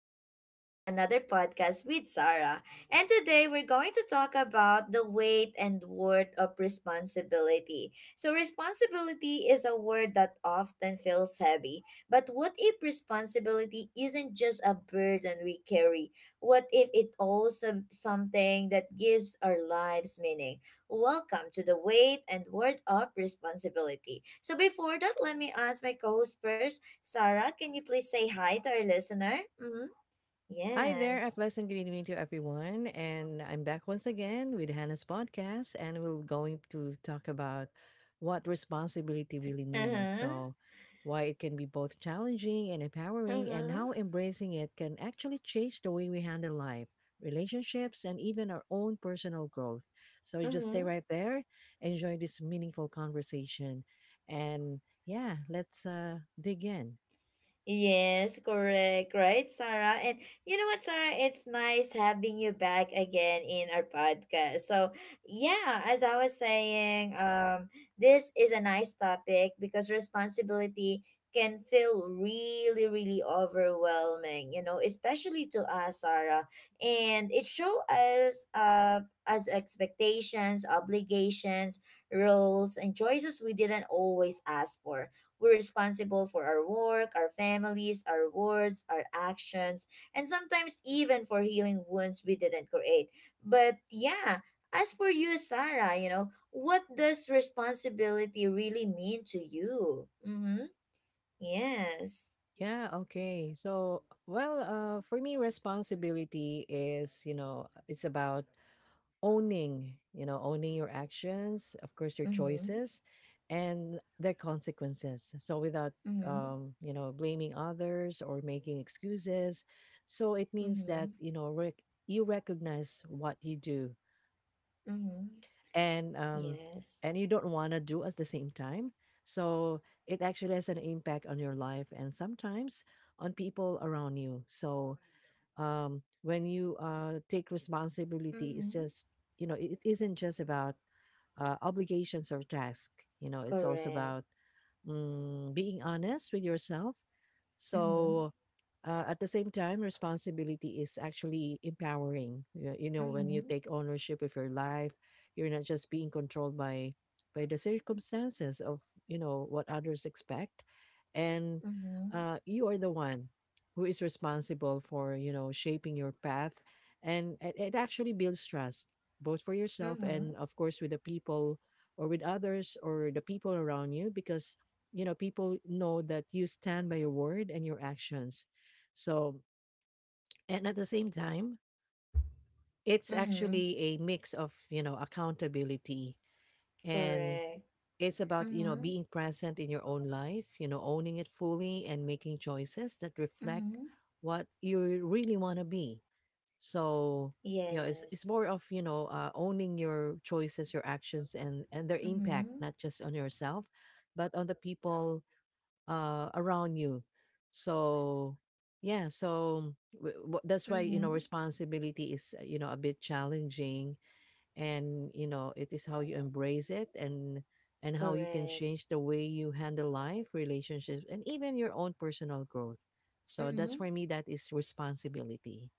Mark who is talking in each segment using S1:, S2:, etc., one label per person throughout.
S1: welcome back to another podcast with Sarah. And today we're going to talk about the weight and worth of responsibility. So, responsibility is a word that often feels heavy, but what if responsibility isn't just a burden we carry? What if it also something that gives our lives meaning? Welcome to the weight and worth of responsibility. So, before that, let me ask my co host first Sarah, can you please say hi to our listener? Mm-hmm.
S2: Hi there, a
S1: Yes.
S2: pleasant good evening to everyone. And I'm back once again with Hannah's podcast, and we're going to talk about what responsibility really
S1: Uh
S2: means.
S1: huh.
S2: So, why it can be both challenging and
S1: Uh
S2: empowering, and how
S1: huh.
S2: embracing it can actually change the way we handle life, relationships, and even our own personal growth. So, you
S1: Uh
S2: just stay
S1: huh.
S2: right there, enjoy this meaningful conversation, and yeah, let's dig in.
S1: Yes, correct. Right, Sarah? And you know what, Sarah? It's nice having you back again in our podcast. So, yeah, as I was saying, this is a nice topic because responsibility can feel really, really overwhelming, you know, especially to us, Sarah. And it show us as expectations, obligations, roles, and choices we didn't always ask for we're responsible for our work, our families, our words, our actions, and sometimes even for healing wounds we didn't create. But yeah, as for you, Sarah, you know, what does responsibility really mean to you? Mm-hmm. Yes.
S2: Yeah, okay. So, well, for me, responsibility is, you know, it's about owning, you know, owning your actions, of course, your
S1: Mm-hmm.
S2: choices and their consequences. So, without,
S1: Mm-hmm.
S2: you know, blaming others or making excuses. So, it means
S1: Mm-hmm.
S2: that, you know, you recognize what you do
S1: Mm-hmm.
S2: and um
S1: Yes.
S2: and you don't want to do at the same time, so it actually has an impact on your life and sometimes on people around you. So when you take responsibility, it's
S1: Mm-hmm.
S2: just you know it isn't just about obligations or tasks. You know, it's also
S1: Correct.
S2: about being honest with yourself.
S1: Mm-hmm.
S2: So at the same time, responsibility is actually empowering. You know, when you
S1: Mm-hmm.
S2: take ownership of your life, you're not just being controlled by the circumstances of you know what others expect, and
S1: Mm-hmm.
S2: you are the one who is responsible for you know shaping your path, and it actually builds trust, both for yourself
S1: Mm-hmm.
S2: and of course with the people, or with others, or the people around you, because you know people know that you stand by your word and your actions. So, and at the same time, it's
S1: Mm-hmm.
S2: actually a mix of you know accountability, and
S1: Correct.
S2: it's about you know
S1: Mm-hmm.
S2: being present in your own life, you know owning it fully and making choices that reflect
S1: Mm-hmm.
S2: what you really want to be. So you know it's
S1: Yes.
S2: more of you know owning your choices, your actions, and their
S1: Mm-hmm.
S2: impact, not just on yourself but on the people around you. So yeah, so that's why you know
S1: Mm-hmm.
S2: responsibility is you know a bit challenging, and you know it is how you embrace it and how you can
S1: Correct.
S2: change the way you handle life, relationships, and even your own personal growth. So that's
S1: Mm-hmm.
S2: for me. That is responsibility.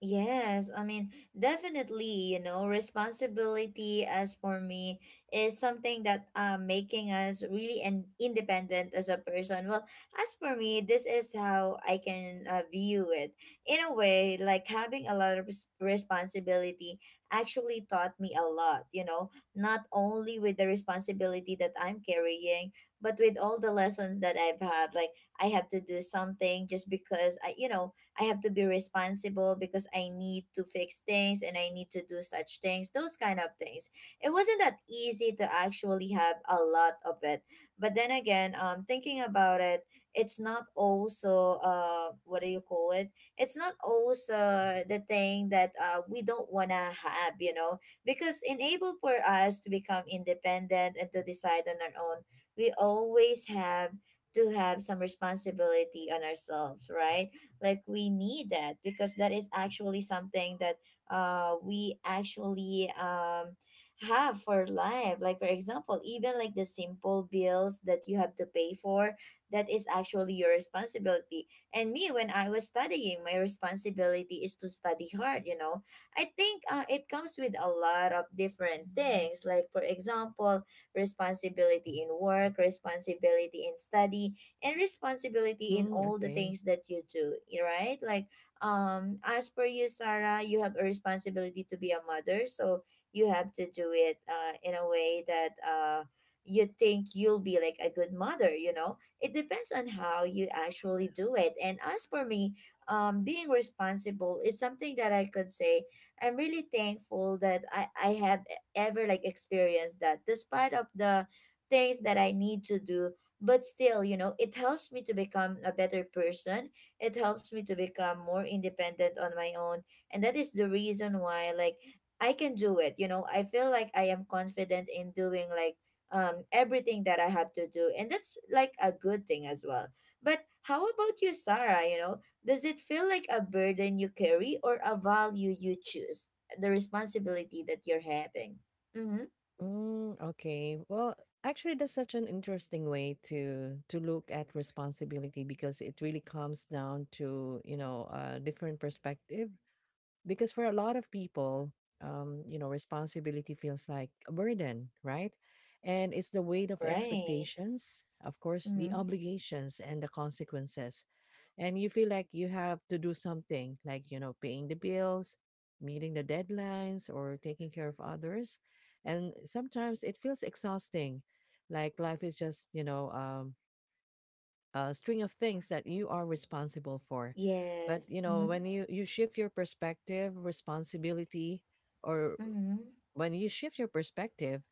S1: Yes, I mean, definitely, you know, responsibility as for me is something that making us really an independent as a person. Well, as for me, this is how I can view it. In a way, like having a lot of responsibility actually taught me a lot, you know, not only with the responsibility that I'm carrying, but with all the lessons that I've had. Like, I have to do something just because I, you know, I have to be responsible because I need to fix things and I need to do such things, those kind of things. It wasn't that easy to actually have a lot of it. But then again, thinking about it, it's not also what do you call it? It's not also the thing that we don't wanna have, you know, because enabled for us to become independent and to decide on our own, we always have to have some responsibility on ourselves, right? Like we need that because that is actually something that we actually have for life, like for example even like the simple bills that you have to pay for, that is actually your responsibility. And me when I was studying, my responsibility is to study hard, you know. I think it comes with a lot of different things, like for example responsibility in work, responsibility in study, and responsibility in
S2: Mm,
S1: all the
S2: okay.
S1: things that you do, right? Like, as per you, Sarah, you have a responsibility to be a mother, so you have to do it in a way that you think you'll be like a good mother. You know, it depends on how you actually do it. And as for me, being responsible is something that I could say I'm really thankful that I have ever like experienced that, despite of the things that I need to do, but still you know it helps me to become a better person, it helps me to become more independent on my own, and that is the reason why, like, I can do it. You know, I feel like I am confident in doing like everything that I have to do, and that's like a good thing as well. But how about you, Sarah? You know, does it feel like a burden you carry or a value you choose, the responsibility that you're having? Mm-hmm.
S2: Mm, okay. Well, actually, that's such an interesting way to look at responsibility because it really comes down to, you know, a different perspective, because for a lot of people you know responsibility feels like a burden, right, and it's the weight of
S1: Right.
S2: expectations, of course
S1: Mm-hmm.
S2: the obligations and the consequences. And you feel like you have to do something, like you know paying the bills, meeting the deadlines, or taking care of others, and sometimes it feels exhausting, like life is just you know string of things that you are responsible for. But
S1: Yes.
S2: you know,
S1: Mm-hmm.
S2: when you shift your perspective, responsibility, or
S1: Mm-hmm.
S2: when you shift your perspective,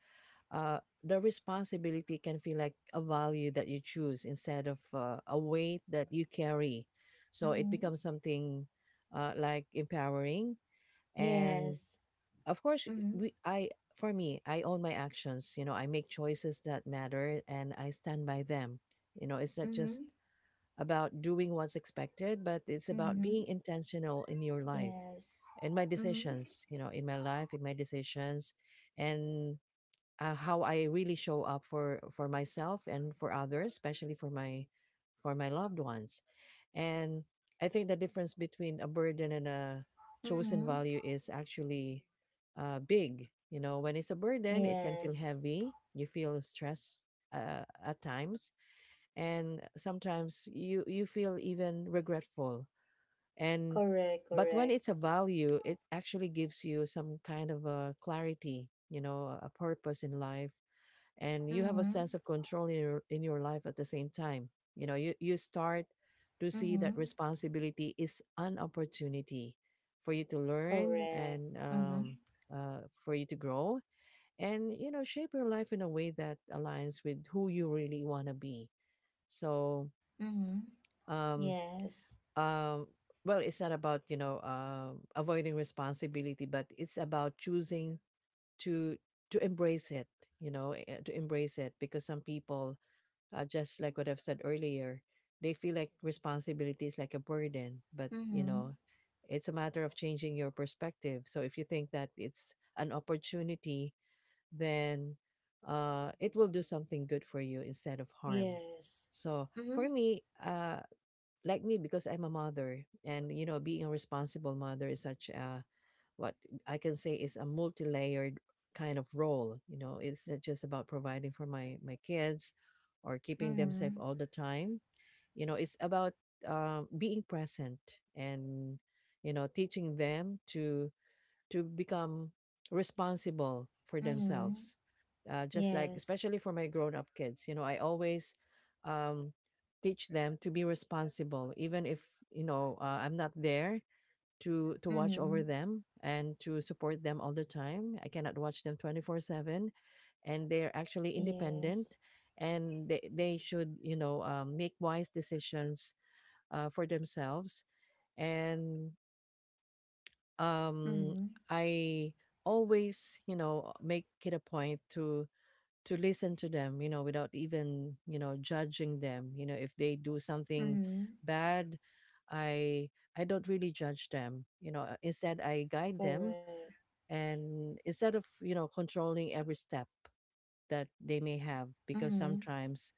S2: the responsibility can feel like a value that you choose instead of a weight that you carry. So it
S1: Mm-hmm.
S2: becomes something like empowering. And
S1: Yes.
S2: of course,
S1: Mm-hmm.
S2: we I for me, I own my actions. You know, I make choices that matter, and I stand by them. You know, it's not just
S1: Mm-hmm.
S2: about doing what's expected, but it's about
S1: Mm-hmm.
S2: being intentional in your life,
S1: Yes. Mm-hmm.
S2: in my life, in my decisions, and how I really show up for myself and for others, especially for my loved ones. And I think the difference between a burden and a chosen
S1: Mm-hmm.
S2: value is actually big. You know, when it's a burden, it can feel
S1: Yes.
S2: heavy. You feel stress at times, and sometimes you feel even regretful. And
S1: Correct,
S2: but when
S1: correct.
S2: it's a value, it actually gives you some kind of a clarity, you know a purpose in life, and you have a
S1: Mm-hmm.
S2: sense of control in your life at the same time. You know you start to see
S1: Mm-hmm.
S2: that responsibility is an opportunity for you to learn
S1: Correct.
S2: and
S1: Mm-hmm.
S2: for you to grow, and you know shape your life in a way that aligns with who you really want to be. So
S1: Mm-hmm.
S2: um,
S1: Yes.
S2: um, well, it's not about you know avoiding responsibility, but it's about choosing to embrace it. You know, to embrace it, because some people, just like what I've said earlier, they feel like responsibility is like a burden, but you
S1: Mm-hmm.
S2: know, it's a matter of changing your perspective. So if you think that it's an opportunity, then it will do something good for you instead of harm.
S1: Yes.
S2: So
S1: Mm-hmm.
S2: for me, like me, because I'm a mother, and you know being a responsible mother is such a what I can say is a multi-layered kind of role. You know, it's not just about providing for my my kids or keeping them safe
S1: Mm-hmm.
S2: all the time. You know it's about being present, and you know teaching them to become responsible for
S1: Mm-hmm.
S2: themselves. Just like,
S1: Yes.
S2: especially for my grown up kids, you know, I always um, teach them to be responsible, even if, you know, I'm not there to watch
S1: Mm-hmm.
S2: over them and to support them all the time. I cannot watch them 24/7, and they're actually independent,
S1: Yes.
S2: and they should you know make wise decisions for themselves, and um
S1: Mm-hmm.
S2: I always you know make it a point to listen to them, you know without even you know judging them. You know, if they do something
S1: Mm-hmm.
S2: bad, i i don't really judge them. You know, instead I guide them,
S1: Correct.
S2: and instead of you know controlling every step that they may have, because
S1: Mm-hmm.
S2: sometimes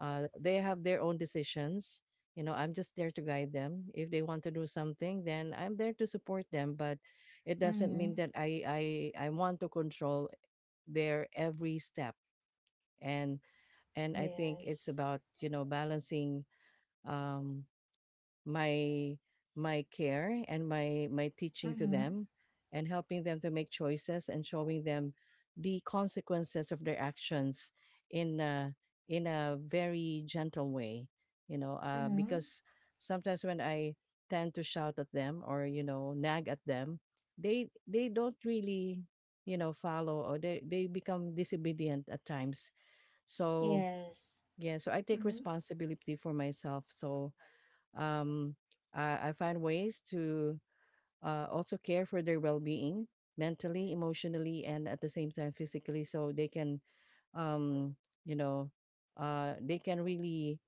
S2: they have their own decisions. You know, I'm just there to guide them. If they want to do something, then I'm there to support them. But it doesn't mean
S1: Mm-hmm.
S2: that I want to control their every step. And and I think it's
S1: Yes.
S2: about you know balancing um, my my care and my teaching to
S1: Mm-hmm.
S2: them, and helping them to make choices and showing them the consequences of their actions in a, in a very gentle way, you know
S1: Mm-hmm.
S2: because sometimes when I tend to shout at them or you know nag at them, they don't really you know follow, or they become disobedient at times. So
S1: Yes.
S2: yeah, so I take
S1: Mm-hmm.
S2: responsibility for myself. So um, I find ways to also care for their well-being mentally, emotionally, and at the same time physically, so they can um, you know they can really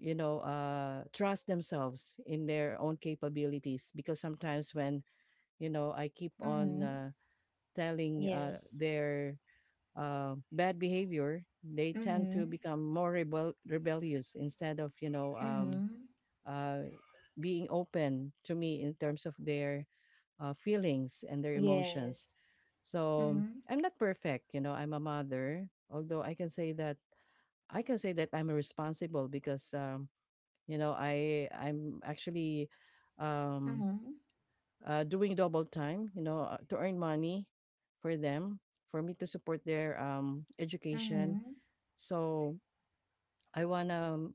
S2: you know trust themselves in their own capabilities, because sometimes when you know I keep on
S1: Mm-hmm.
S2: telling
S1: Yes.
S2: their bad behavior, they tend
S1: Mm-hmm.
S2: to become more rebellious instead of you know
S1: Mm-hmm.
S2: uh, being open to me in terms of their feelings and their emotions.
S1: Yes.
S2: So
S1: Mm-hmm.
S2: I'm not perfect, you know. I'm a mother, although I can say that I'm responsible because you know I'm actually um,
S1: Mm-hmm.
S2: doing double time, you know, to earn money for them, for me to support their education.
S1: Mm-hmm.
S2: So I wanna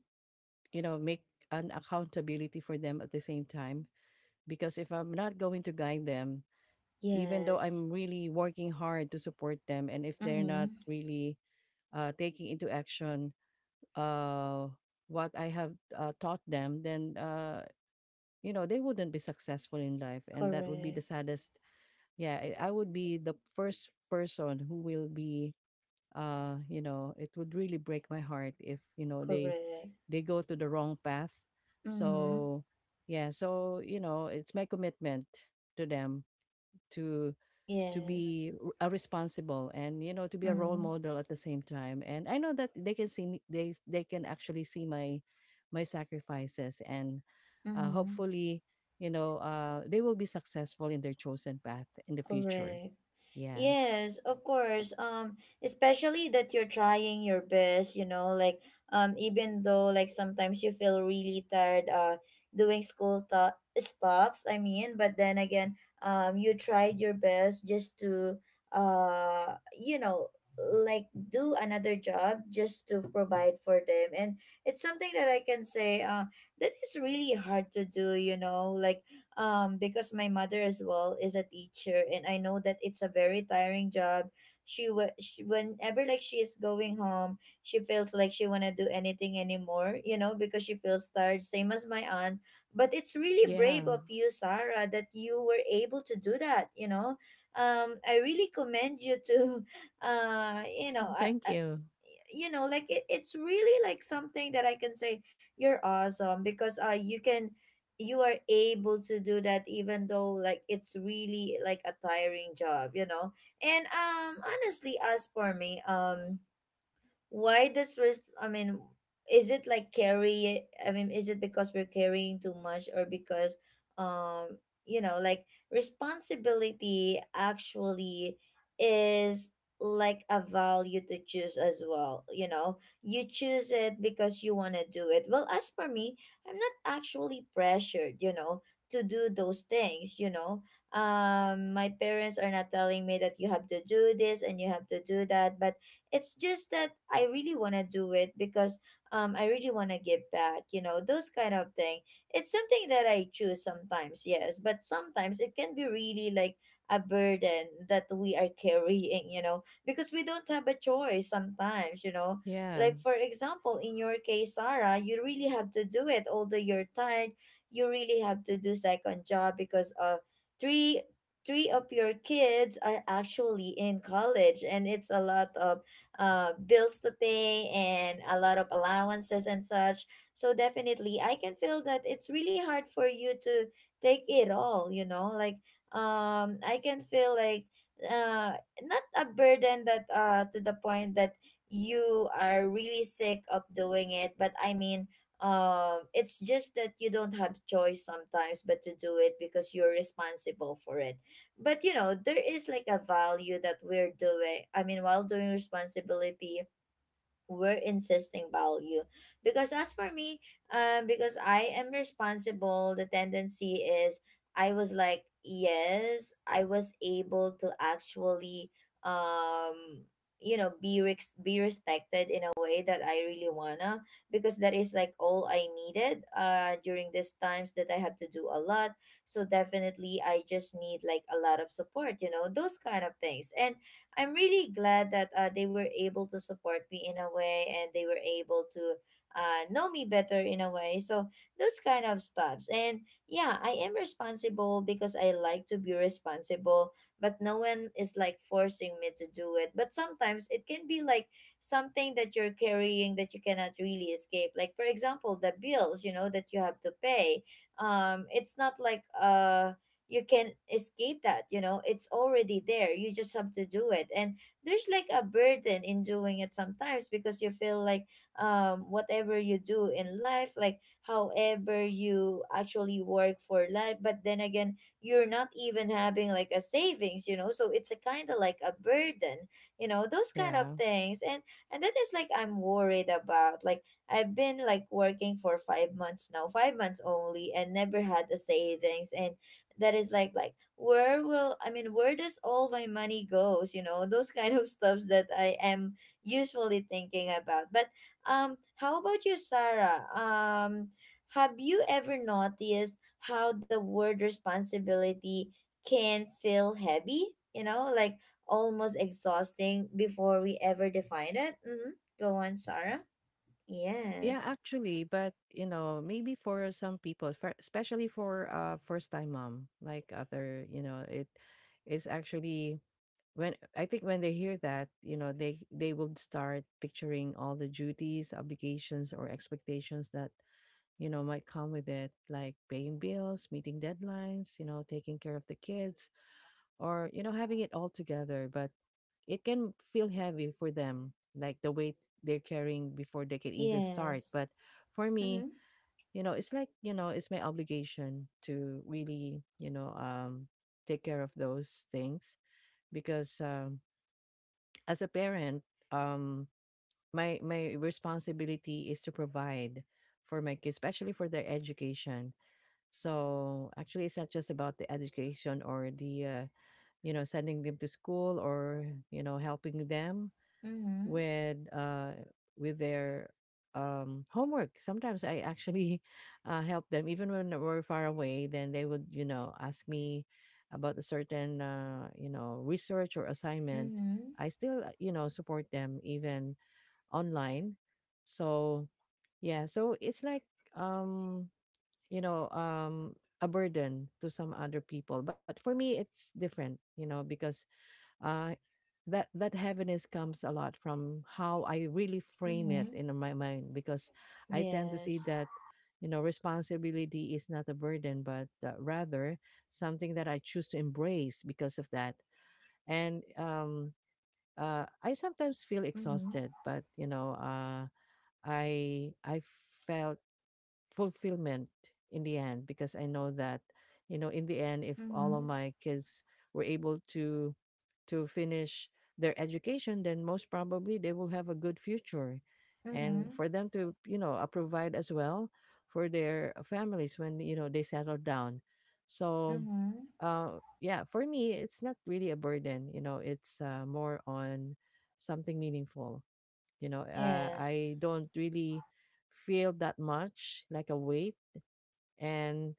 S2: you know make an accountability for them at the same time, because if I'm not going to guide them, even though
S1: Yes.
S2: I'm really working hard to support them, and if they're not
S1: Mm-hmm.
S2: really taking into action uh, what I have taught them, then you know they wouldn't be successful in life, and that would be
S1: Correct.
S2: the saddest. Yeah, I would be the first person who will be. You know, it would really break my heart if you know
S1: Correct.
S2: they go to the wrong path.
S1: Mm-hmm.
S2: So yeah, so you know, it's my commitment to them to
S1: Yes.
S2: be a responsible, and you know to be a role
S1: Mm-hmm.
S2: model at the same time, and I know that they can see me, they can actually see my my sacrifices, and
S1: Mm-hmm.
S2: hopefully you know they will be successful in their chosen path in the future.
S1: Correct.
S2: Yeah.
S1: Yes, of course. Especially that you're trying your best, you know, like even though like sometimes you feel really tired, doing school stops. I mean, but then again, you tried your best just to, you know, like do another job just to provide for them, and it's something that I can say, that is really hard to do. You know, like because my mother as well is a teacher, and I know that it's a very tiring job. She, she whenever like she is going home, she feels like she wanna do anything anymore, you know, because she feels tired. Same as my aunt, but it's really brave
S2: Yeah.
S1: of you, Sarah, that you were able to do that. You know, I really commend you to, you know, I,
S2: Thank you.
S1: you know like it, it's really like something that I can say you're awesome because you can you are able to do that even though like it's really like a tiring job, you know. And honestly, as for me, why this risk I mean, is it like carry I mean, is it because we're carrying too much, or because um you know like responsibility actually is like a value to choose as well. You know, you choose it because you want to do it. Well, as for me, I'm not actually pressured, you know, to do those things, you know. Um, my parents are not telling me that you have to do this and you have to do that, but it's just that I really want to do it because I really want to give back, you know, those kind of thing. It's something that I choose sometimes, yes, but sometimes it can be really like a burden that we are carrying, you know, because we don't have a choice sometimes, you know.
S2: Yeah.
S1: Like for example, in your case, Sarah, you really have to do it although you're tired. You really have to do second job because uh three three of your kids are actually in college, and it's a lot of bills to pay and a lot of allowances and such. So definitely, I can feel that it's really hard for you to take it all, you know, like I can feel like uh not a burden that to the point that you are really sick of doing it. But I mean, um, it's just that you don't have choice sometimes but to do it because you're responsible for it. But you know, there is like a value that we're doing, I mean while doing responsibility, we're insisting value. Because as for me, um, because I am responsible, the tendency is I was like, yes, I was able to actually um you know be respected in a way that I really wanna, because that is like all I needed during these times that I had to do a lot. So definitely I just need like a lot of support, you know, those kind of things. And I'm really glad that they were able to support me in a way, and they were able to know me better in a way. So those kind of stuffs. And yeah, I am responsible because I like to be responsible, but no one is like forcing me to do it. But sometimes it can be like something that you're carrying that you cannot really escape. Like for example, the bills, you know, that you have to pay. It's not like you can escape that, you know it's already there, you just have to do it. And there's like a burden in doing it sometimes because you feel like whatever you do in life, like however you actually work for life, but then again you're not even having like a savings, you know, so it's a kind of like a burden, you know, those kind of
S2: Yeah.
S1: things. And that is like I'm worried about, like I've been like working for 5 months now, 5 months only, and never had a savings. And that is like where will I mean, where does all my money goes, you know, those kind of stuffs that I am usually thinking about. But how about you, Sarah? Um, have you ever noticed how the word responsibility can feel heavy, you know, like almost exhausting before we ever define it? Mm-hmm. Go on, Sarah.
S2: Yeah,
S1: Yes.
S2: actually, but you know maybe for some people, for, especially for first time mom like other, you know it is actually when I think when they hear that, you know, they will start picturing all the duties, obligations, or expectations that you know might come with it, like paying bills, meeting deadlines, you know, taking care of the kids, or you know, having it all together. But it can feel heavy for them, like the weight they're carrying before they can even start.
S1: Yes.
S2: But for me,
S1: Mm-hmm.
S2: it's like it's my obligation to really, take care of those things because as a parent, um, my responsibility is to provide for my kids, especially for their education. So actually, it's not just about the education or the sending them to school or helping them
S1: Mm-hmm.
S2: with uh with their homework. Sometimes I actually help them even when we're far away. Then they would ask me about a certain research or assignment.
S1: Mm-hmm.
S2: I still support them even online. So yeah, so it's like um you know um a burden to some other people, but for me it's different, you know, because uh that heaviness comes a lot from how I really frame it
S1: Mm-hmm.
S2: in my mind, because I tend to see
S1: Yes.
S2: that responsibility is not a burden but rather something that I choose to embrace because of that. And I sometimes feel
S1: Mm-hmm.
S2: exhausted, but I felt fulfillment in the end, because I know that you know in the end, if all of
S1: Mm-hmm.
S2: my kids were able to finish their education, then most probably they will have a good future, and
S1: Mm-hmm.
S2: for them to provide as well for their families when they settle down. So
S1: Mm-hmm.
S2: yeah, for me it's not really a burden, you know, it's more on something meaningful.
S1: Yes.
S2: I don't really feel that much like a weight. And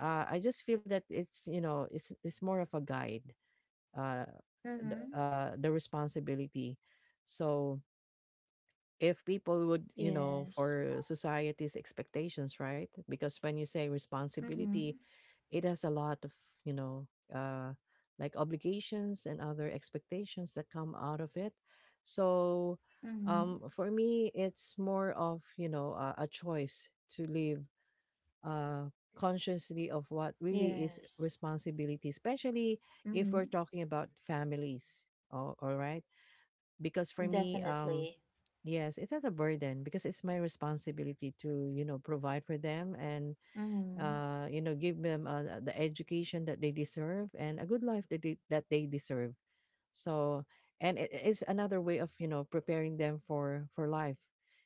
S2: I just feel that it's it's more of a guide, uh
S1: Mm-hmm.
S2: the responsibility. So if people would
S1: Yes.
S2: for society's expectations, right? Because when you say responsibility,
S1: Mm-hmm.
S2: it has a lot of you know uh like obligations and other expectations that come out of it. So
S1: Mm-hmm.
S2: for me it's more of a choice to live uh, consciously of what really is
S1: Yes.
S2: responsibility, especially if
S1: Mm-hmm.
S2: we're talking about families. Oh, all right. Because for me,
S1: Definitely.
S2: yes, it's not a burden because it's my responsibility to, you know, provide for them, and
S1: Mm-hmm.
S2: give them the education that they deserve and a good life that that they deserve. So, and it is another way of preparing them for life,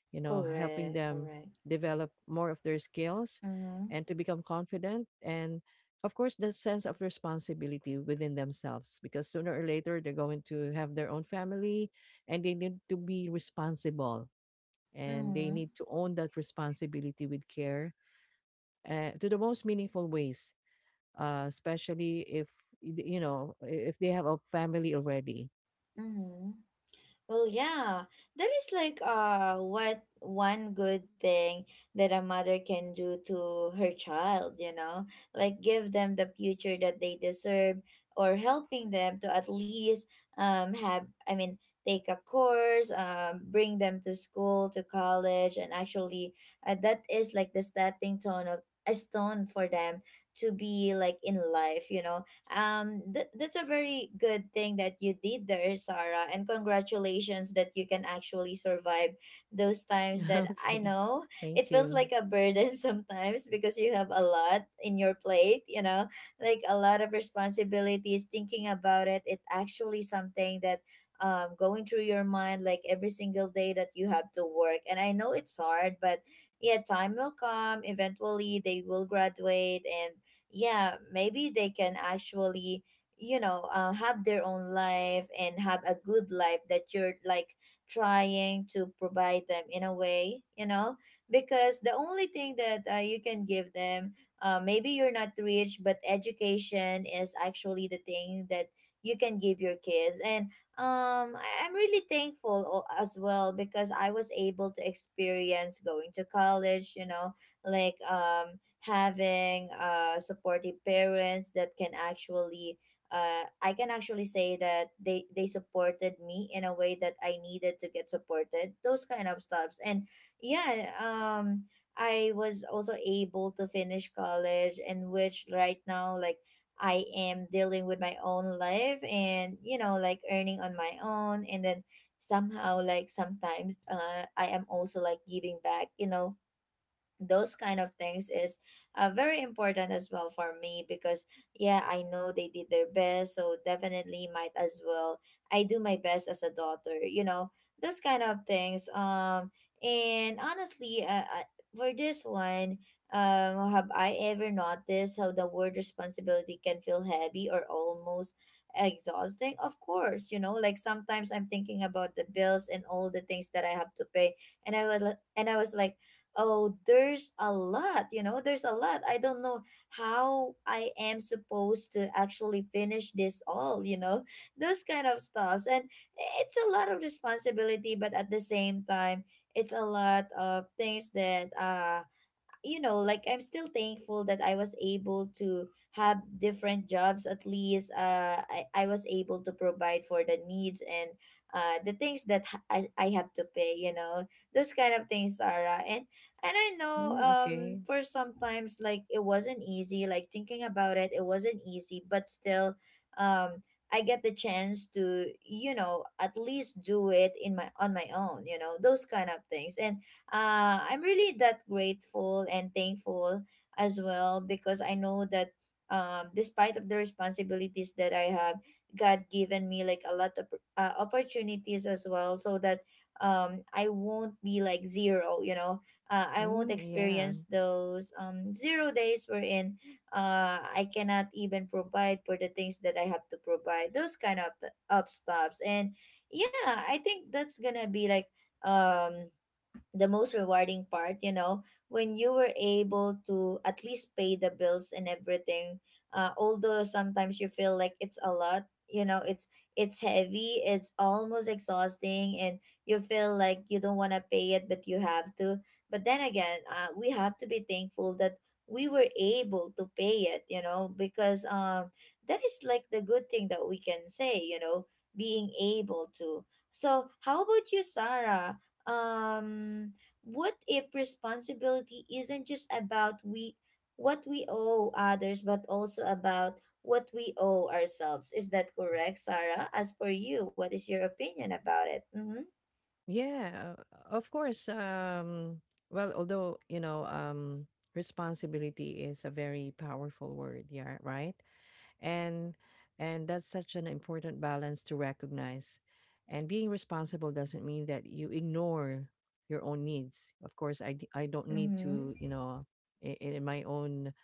S2: helping
S1: Correct.
S2: them
S1: Correct.
S2: develop more of their skills,
S1: Mm-hmm.
S2: and to become confident, and of course the sense of responsibility within themselves, because sooner or later they're going to have their own family, and they need to be responsible, and they
S1: Mm-hmm.
S2: need to own that responsibility with care, to the most meaningful ways, especially if if they have a family already.
S1: Mm-hmm. Well, yeah, that is like what one good thing that a mother can do to her child, you know, like give them the future that they deserve, or helping them to at least have I mean take a course, bring them to school, to college, and actually that is like the stepping stone of a stone for them to be like in life, you know. That's a very good thing that you did there, Sarah, and congratulations that you can actually survive those times that I
S2: Okay.
S1: know it
S2: Thank
S1: feels
S2: you.
S1: like a burden sometimes, because you have a lot in your plate, you know, like a lot of responsibilities. Thinking about it actually something that going through your mind like every single day, that you have to work. And I know it's hard, but yeah, time will come eventually, they will graduate. And yeah, maybe they can actually, you know, have their own life and have a good life that you're like trying to provide them in a way, you know, because the only thing that you can give them, maybe you're not rich, but education is actually the thing that you can give your kids. And I'm really thankful as well, because I was able to experience going to college, you know, like having supportive parents that can actually I can actually say that they supported me in a way that I needed to get supported, those kind of stuffs. And yeah, I was also able to finish college, in which right now, like, I am dealing with my own life, and you know, like earning on my own, and then somehow, like sometimes, I am also like giving back, you know, those kind of things is very important as well for me, because yeah, I know they did their best, so definitely, might as well I do my best as a daughter, you know, those kind of things. And honestly, for this one, have I ever noticed how the word responsibility can feel heavy or almost exhausting? Of course, you know, like sometimes I'm thinking about the bills and all the things that I have to pay, and I was like, oh, there's a lot, you know, there's a lot. I don't know how I am supposed to actually finish this all, you know, those kind of stuffs. And it's a lot of responsibility, but at the same time, it's a lot of things that you know, like I'm still thankful that I was able to have different jobs. At least, I was able to provide for the needs and the things that I have to pay, you know, those kind of things, Sarah. And I know
S2: Mm, okay.
S1: for sometimes, like, it wasn't easy, like, thinking about it, it wasn't easy, but still, um, I get the chance to, you know, at least do it in my on my own, you know, those kind of things. And I'm really that grateful and thankful as well, because I know that despite of the responsibilities that I have, God given me like a lot of opportunities as well, so that I won't be like zero. You know, I won't
S2: Mm, yeah.
S1: experience those 0 days wherein I cannot even provide for the things that I have to provide. Those kind of of stops, and yeah, I think that's gonna be like um the most rewarding part, you know, when you were able to at least pay the bills and everything. Although sometimes you feel like it's a lot, you know, it's heavy, it's almost exhausting, and you feel like you don't want to pay it, but you have to. But then again, we have to be thankful that we were able to pay it, you know, because that is like the good thing that we can say, you know, being able to. So how about you, Sarah? um what if responsibility isn't just about we what we owe others, but also about what we owe ourselves? Is that correct, Sarah? As for you, what is your opinion about it? Mm-hmm.
S2: Yeah. Of course. Well, although, responsibility is a very powerful word, yeah, right? and and that's such an important balance to recognize, and being responsible doesn't mean that you ignore your own needs. Of course I don't need
S1: Mm-hmm.
S2: to you know I- in, my own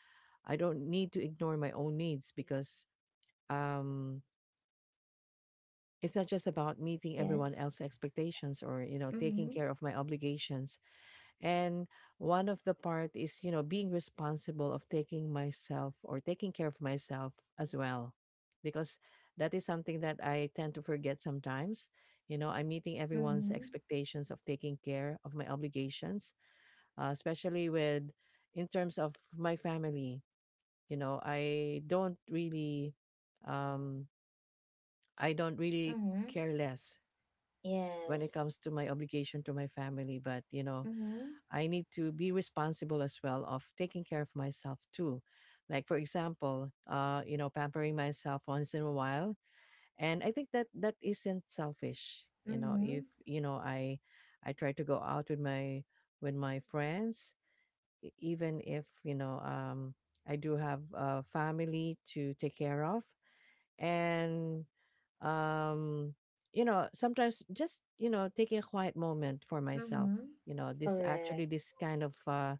S2: I don't need to ignore my own needs, because um it's not just about meeting everyone
S1: Yes.
S2: else's expectations or taking
S1: Mm-hmm.
S2: care of my obligations. And one of the part is being responsible of taking myself or taking care of myself as well, because that is something that I tend to forget sometimes. You know, I'm meeting everyone's
S1: Mm-hmm.
S2: expectations of taking care of my obligations, especially with, in terms of my family. I don't really um i don't really
S1: Mm-hmm.
S2: care less when it
S1: Yes.
S2: comes to my obligation to my family, but you know
S1: Mm-hmm.
S2: I need to be responsible as well of taking care of myself too. Like for example, pampering myself once in a while, and I think that that isn't selfish. You know,
S1: Mm-hmm.
S2: if I try to go out with my friends, even if I do have a family to take care of. And um, you know, sometimes just taking a quiet moment for myself,
S1: Mm-hmm.
S2: you know,
S1: Correct.
S2: this kind of uh,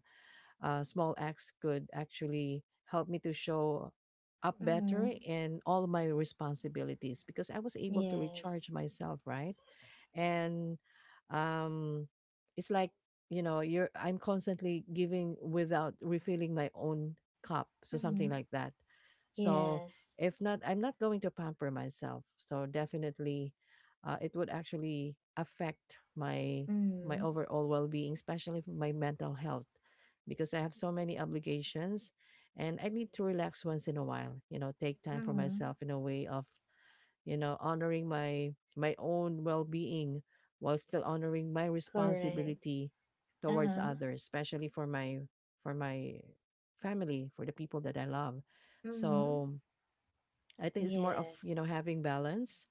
S2: uh, small acts could actually help me to show up
S1: Mm-hmm.
S2: better in all my responsibilities, because I was able to
S1: Yes.
S2: recharge myself, right? And um, it's like you know you're I'm constantly giving without refilling my own cup, so
S1: Mm-hmm.
S2: something like that. So
S1: Yes.
S2: if not, I'm not going to pamper myself. So definitely, it would actually affect my
S1: Mm-hmm.
S2: overall well being, especially for my mental health, because I have so many obligations and I need to relax once in a while, you know, take time for
S1: Mm-hmm.
S2: myself in a way of, you know, honoring my own well-being while still honoring my
S1: Correct.
S2: responsibility towards
S1: Uh-huh.
S2: others, especially for my family, for the people that I love.
S1: Mm-hmm.
S2: So I think it's more of, you
S1: Yes.
S2: know, having balance.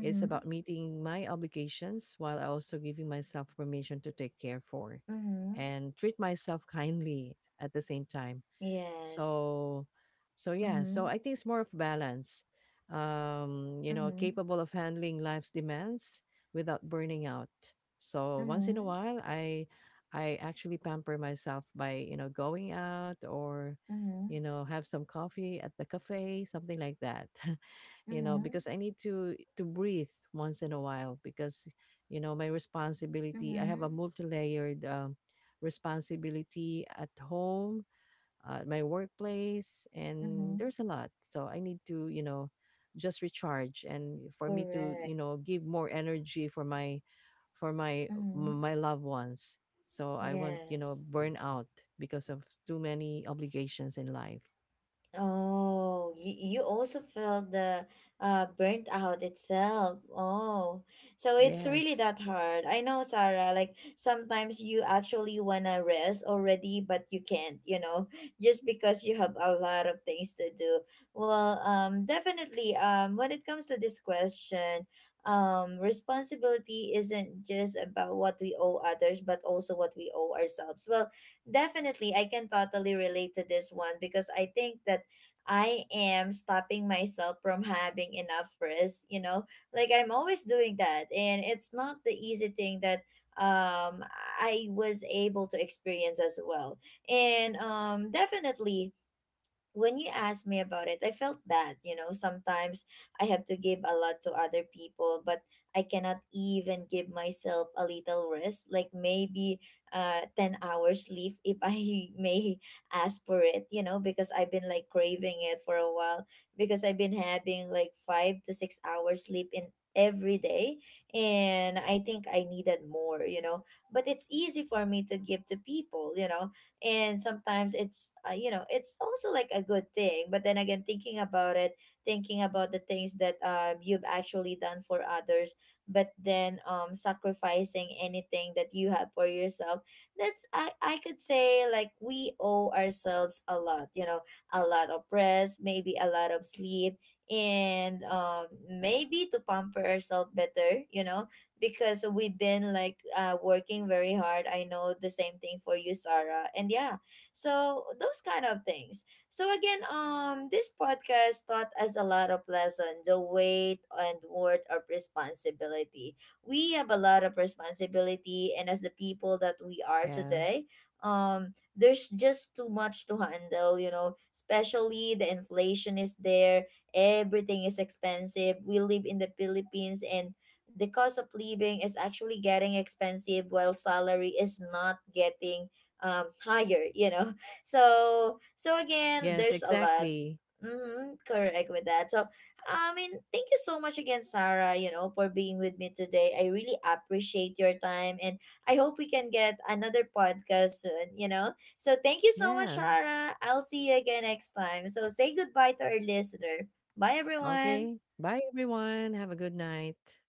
S2: It's about meeting my obligations while I also giving myself permission to take care for
S1: Mm-hmm.
S2: and treat myself kindly at the same time.
S1: Yes.
S2: So so yeah, so
S1: Mm-hmm.
S2: I think it's more of balance. You know,
S1: Mm-hmm.
S2: capable of handling life's demands without burning out. So once in a
S1: Mm-hmm.
S2: while I actually pamper myself by, you know, going out or
S1: Mm-hmm.
S2: you know, have some coffee at the cafe, something like that. You know,
S1: Mm-hmm.
S2: because I need to breathe once in a while, because you know my responsibility, I have a
S1: Mm-hmm.
S2: multi-layered responsibility at home, at my workplace,
S1: Mm-hmm.
S2: and there's a lot. So I need to you know just recharge, and for me to you
S1: Correct.
S2: know give more energy for my for my
S1: Mm-hmm.
S2: my loved ones, so I won't you know
S1: Yes.
S2: burn out because of too many obligations in life.
S1: Oh, you also felt the burnt out itself. Oh, so it's really
S2: Yes.
S1: that hard. I know, Sarah, like sometimes you actually wanna rest already, but you can't, you know, just because you have a lot of things to do. Well, definitely, when it comes to this question, responsibility isn't just about what we owe others, but also what we owe ourselves. Well, definitely, I can totally relate to this one, because I think that I am stopping myself from having enough rest, you know? Like I'm always doing that, and it's not the easy thing that um I was able to experience as well. And definitely, when you asked me about it, I felt bad. You know, sometimes I have to give a lot to other people, but I cannot even give myself a little rest, like maybe 10 hours sleep if I may ask for it, you know, because I've been like craving it for a while, because I've been having like 5 to 6 hours sleep in every day, and I think I needed more, you know, but it's easy for me to give to people, you know. And sometimes it's you know, it's also like a good thing, but then again, thinking about it, thinking about the things that you've actually done for others, but then sacrificing anything that you have for yourself, that's I could say like we owe ourselves a lot, you know, a lot of rest, maybe a lot of sleep. And maybe to pamper ourselves better, you know, because we've been like working very hard. I know the same thing for you, Sarah. And yeah, so those kind of things. So again, this podcast taught us a lot of lessons, the weight and worth of responsibility. We have a lot of responsibility, and as the people that we are
S2: Yeah.
S1: today, there's just too much to handle. You know, especially the inflation is there. Everything is expensive. We live in the Philippines, and the cost of living is actually getting expensive, while salary is not getting higher, you know. So, so again,
S2: Yes,
S1: there's a lot.
S2: exactly.
S1: Mm-hmm, correct. With that, so I mean, thank you so much again, Sarah, you know, for being with me today. I really appreciate your time, and I hope we can get another podcast soon, you know. So thank you so much,
S2: Yeah.
S1: Sarah, I'll see you again next time. So say goodbye to our listener. Bye, everyone.
S2: Okay. Bye, everyone. Have a good night.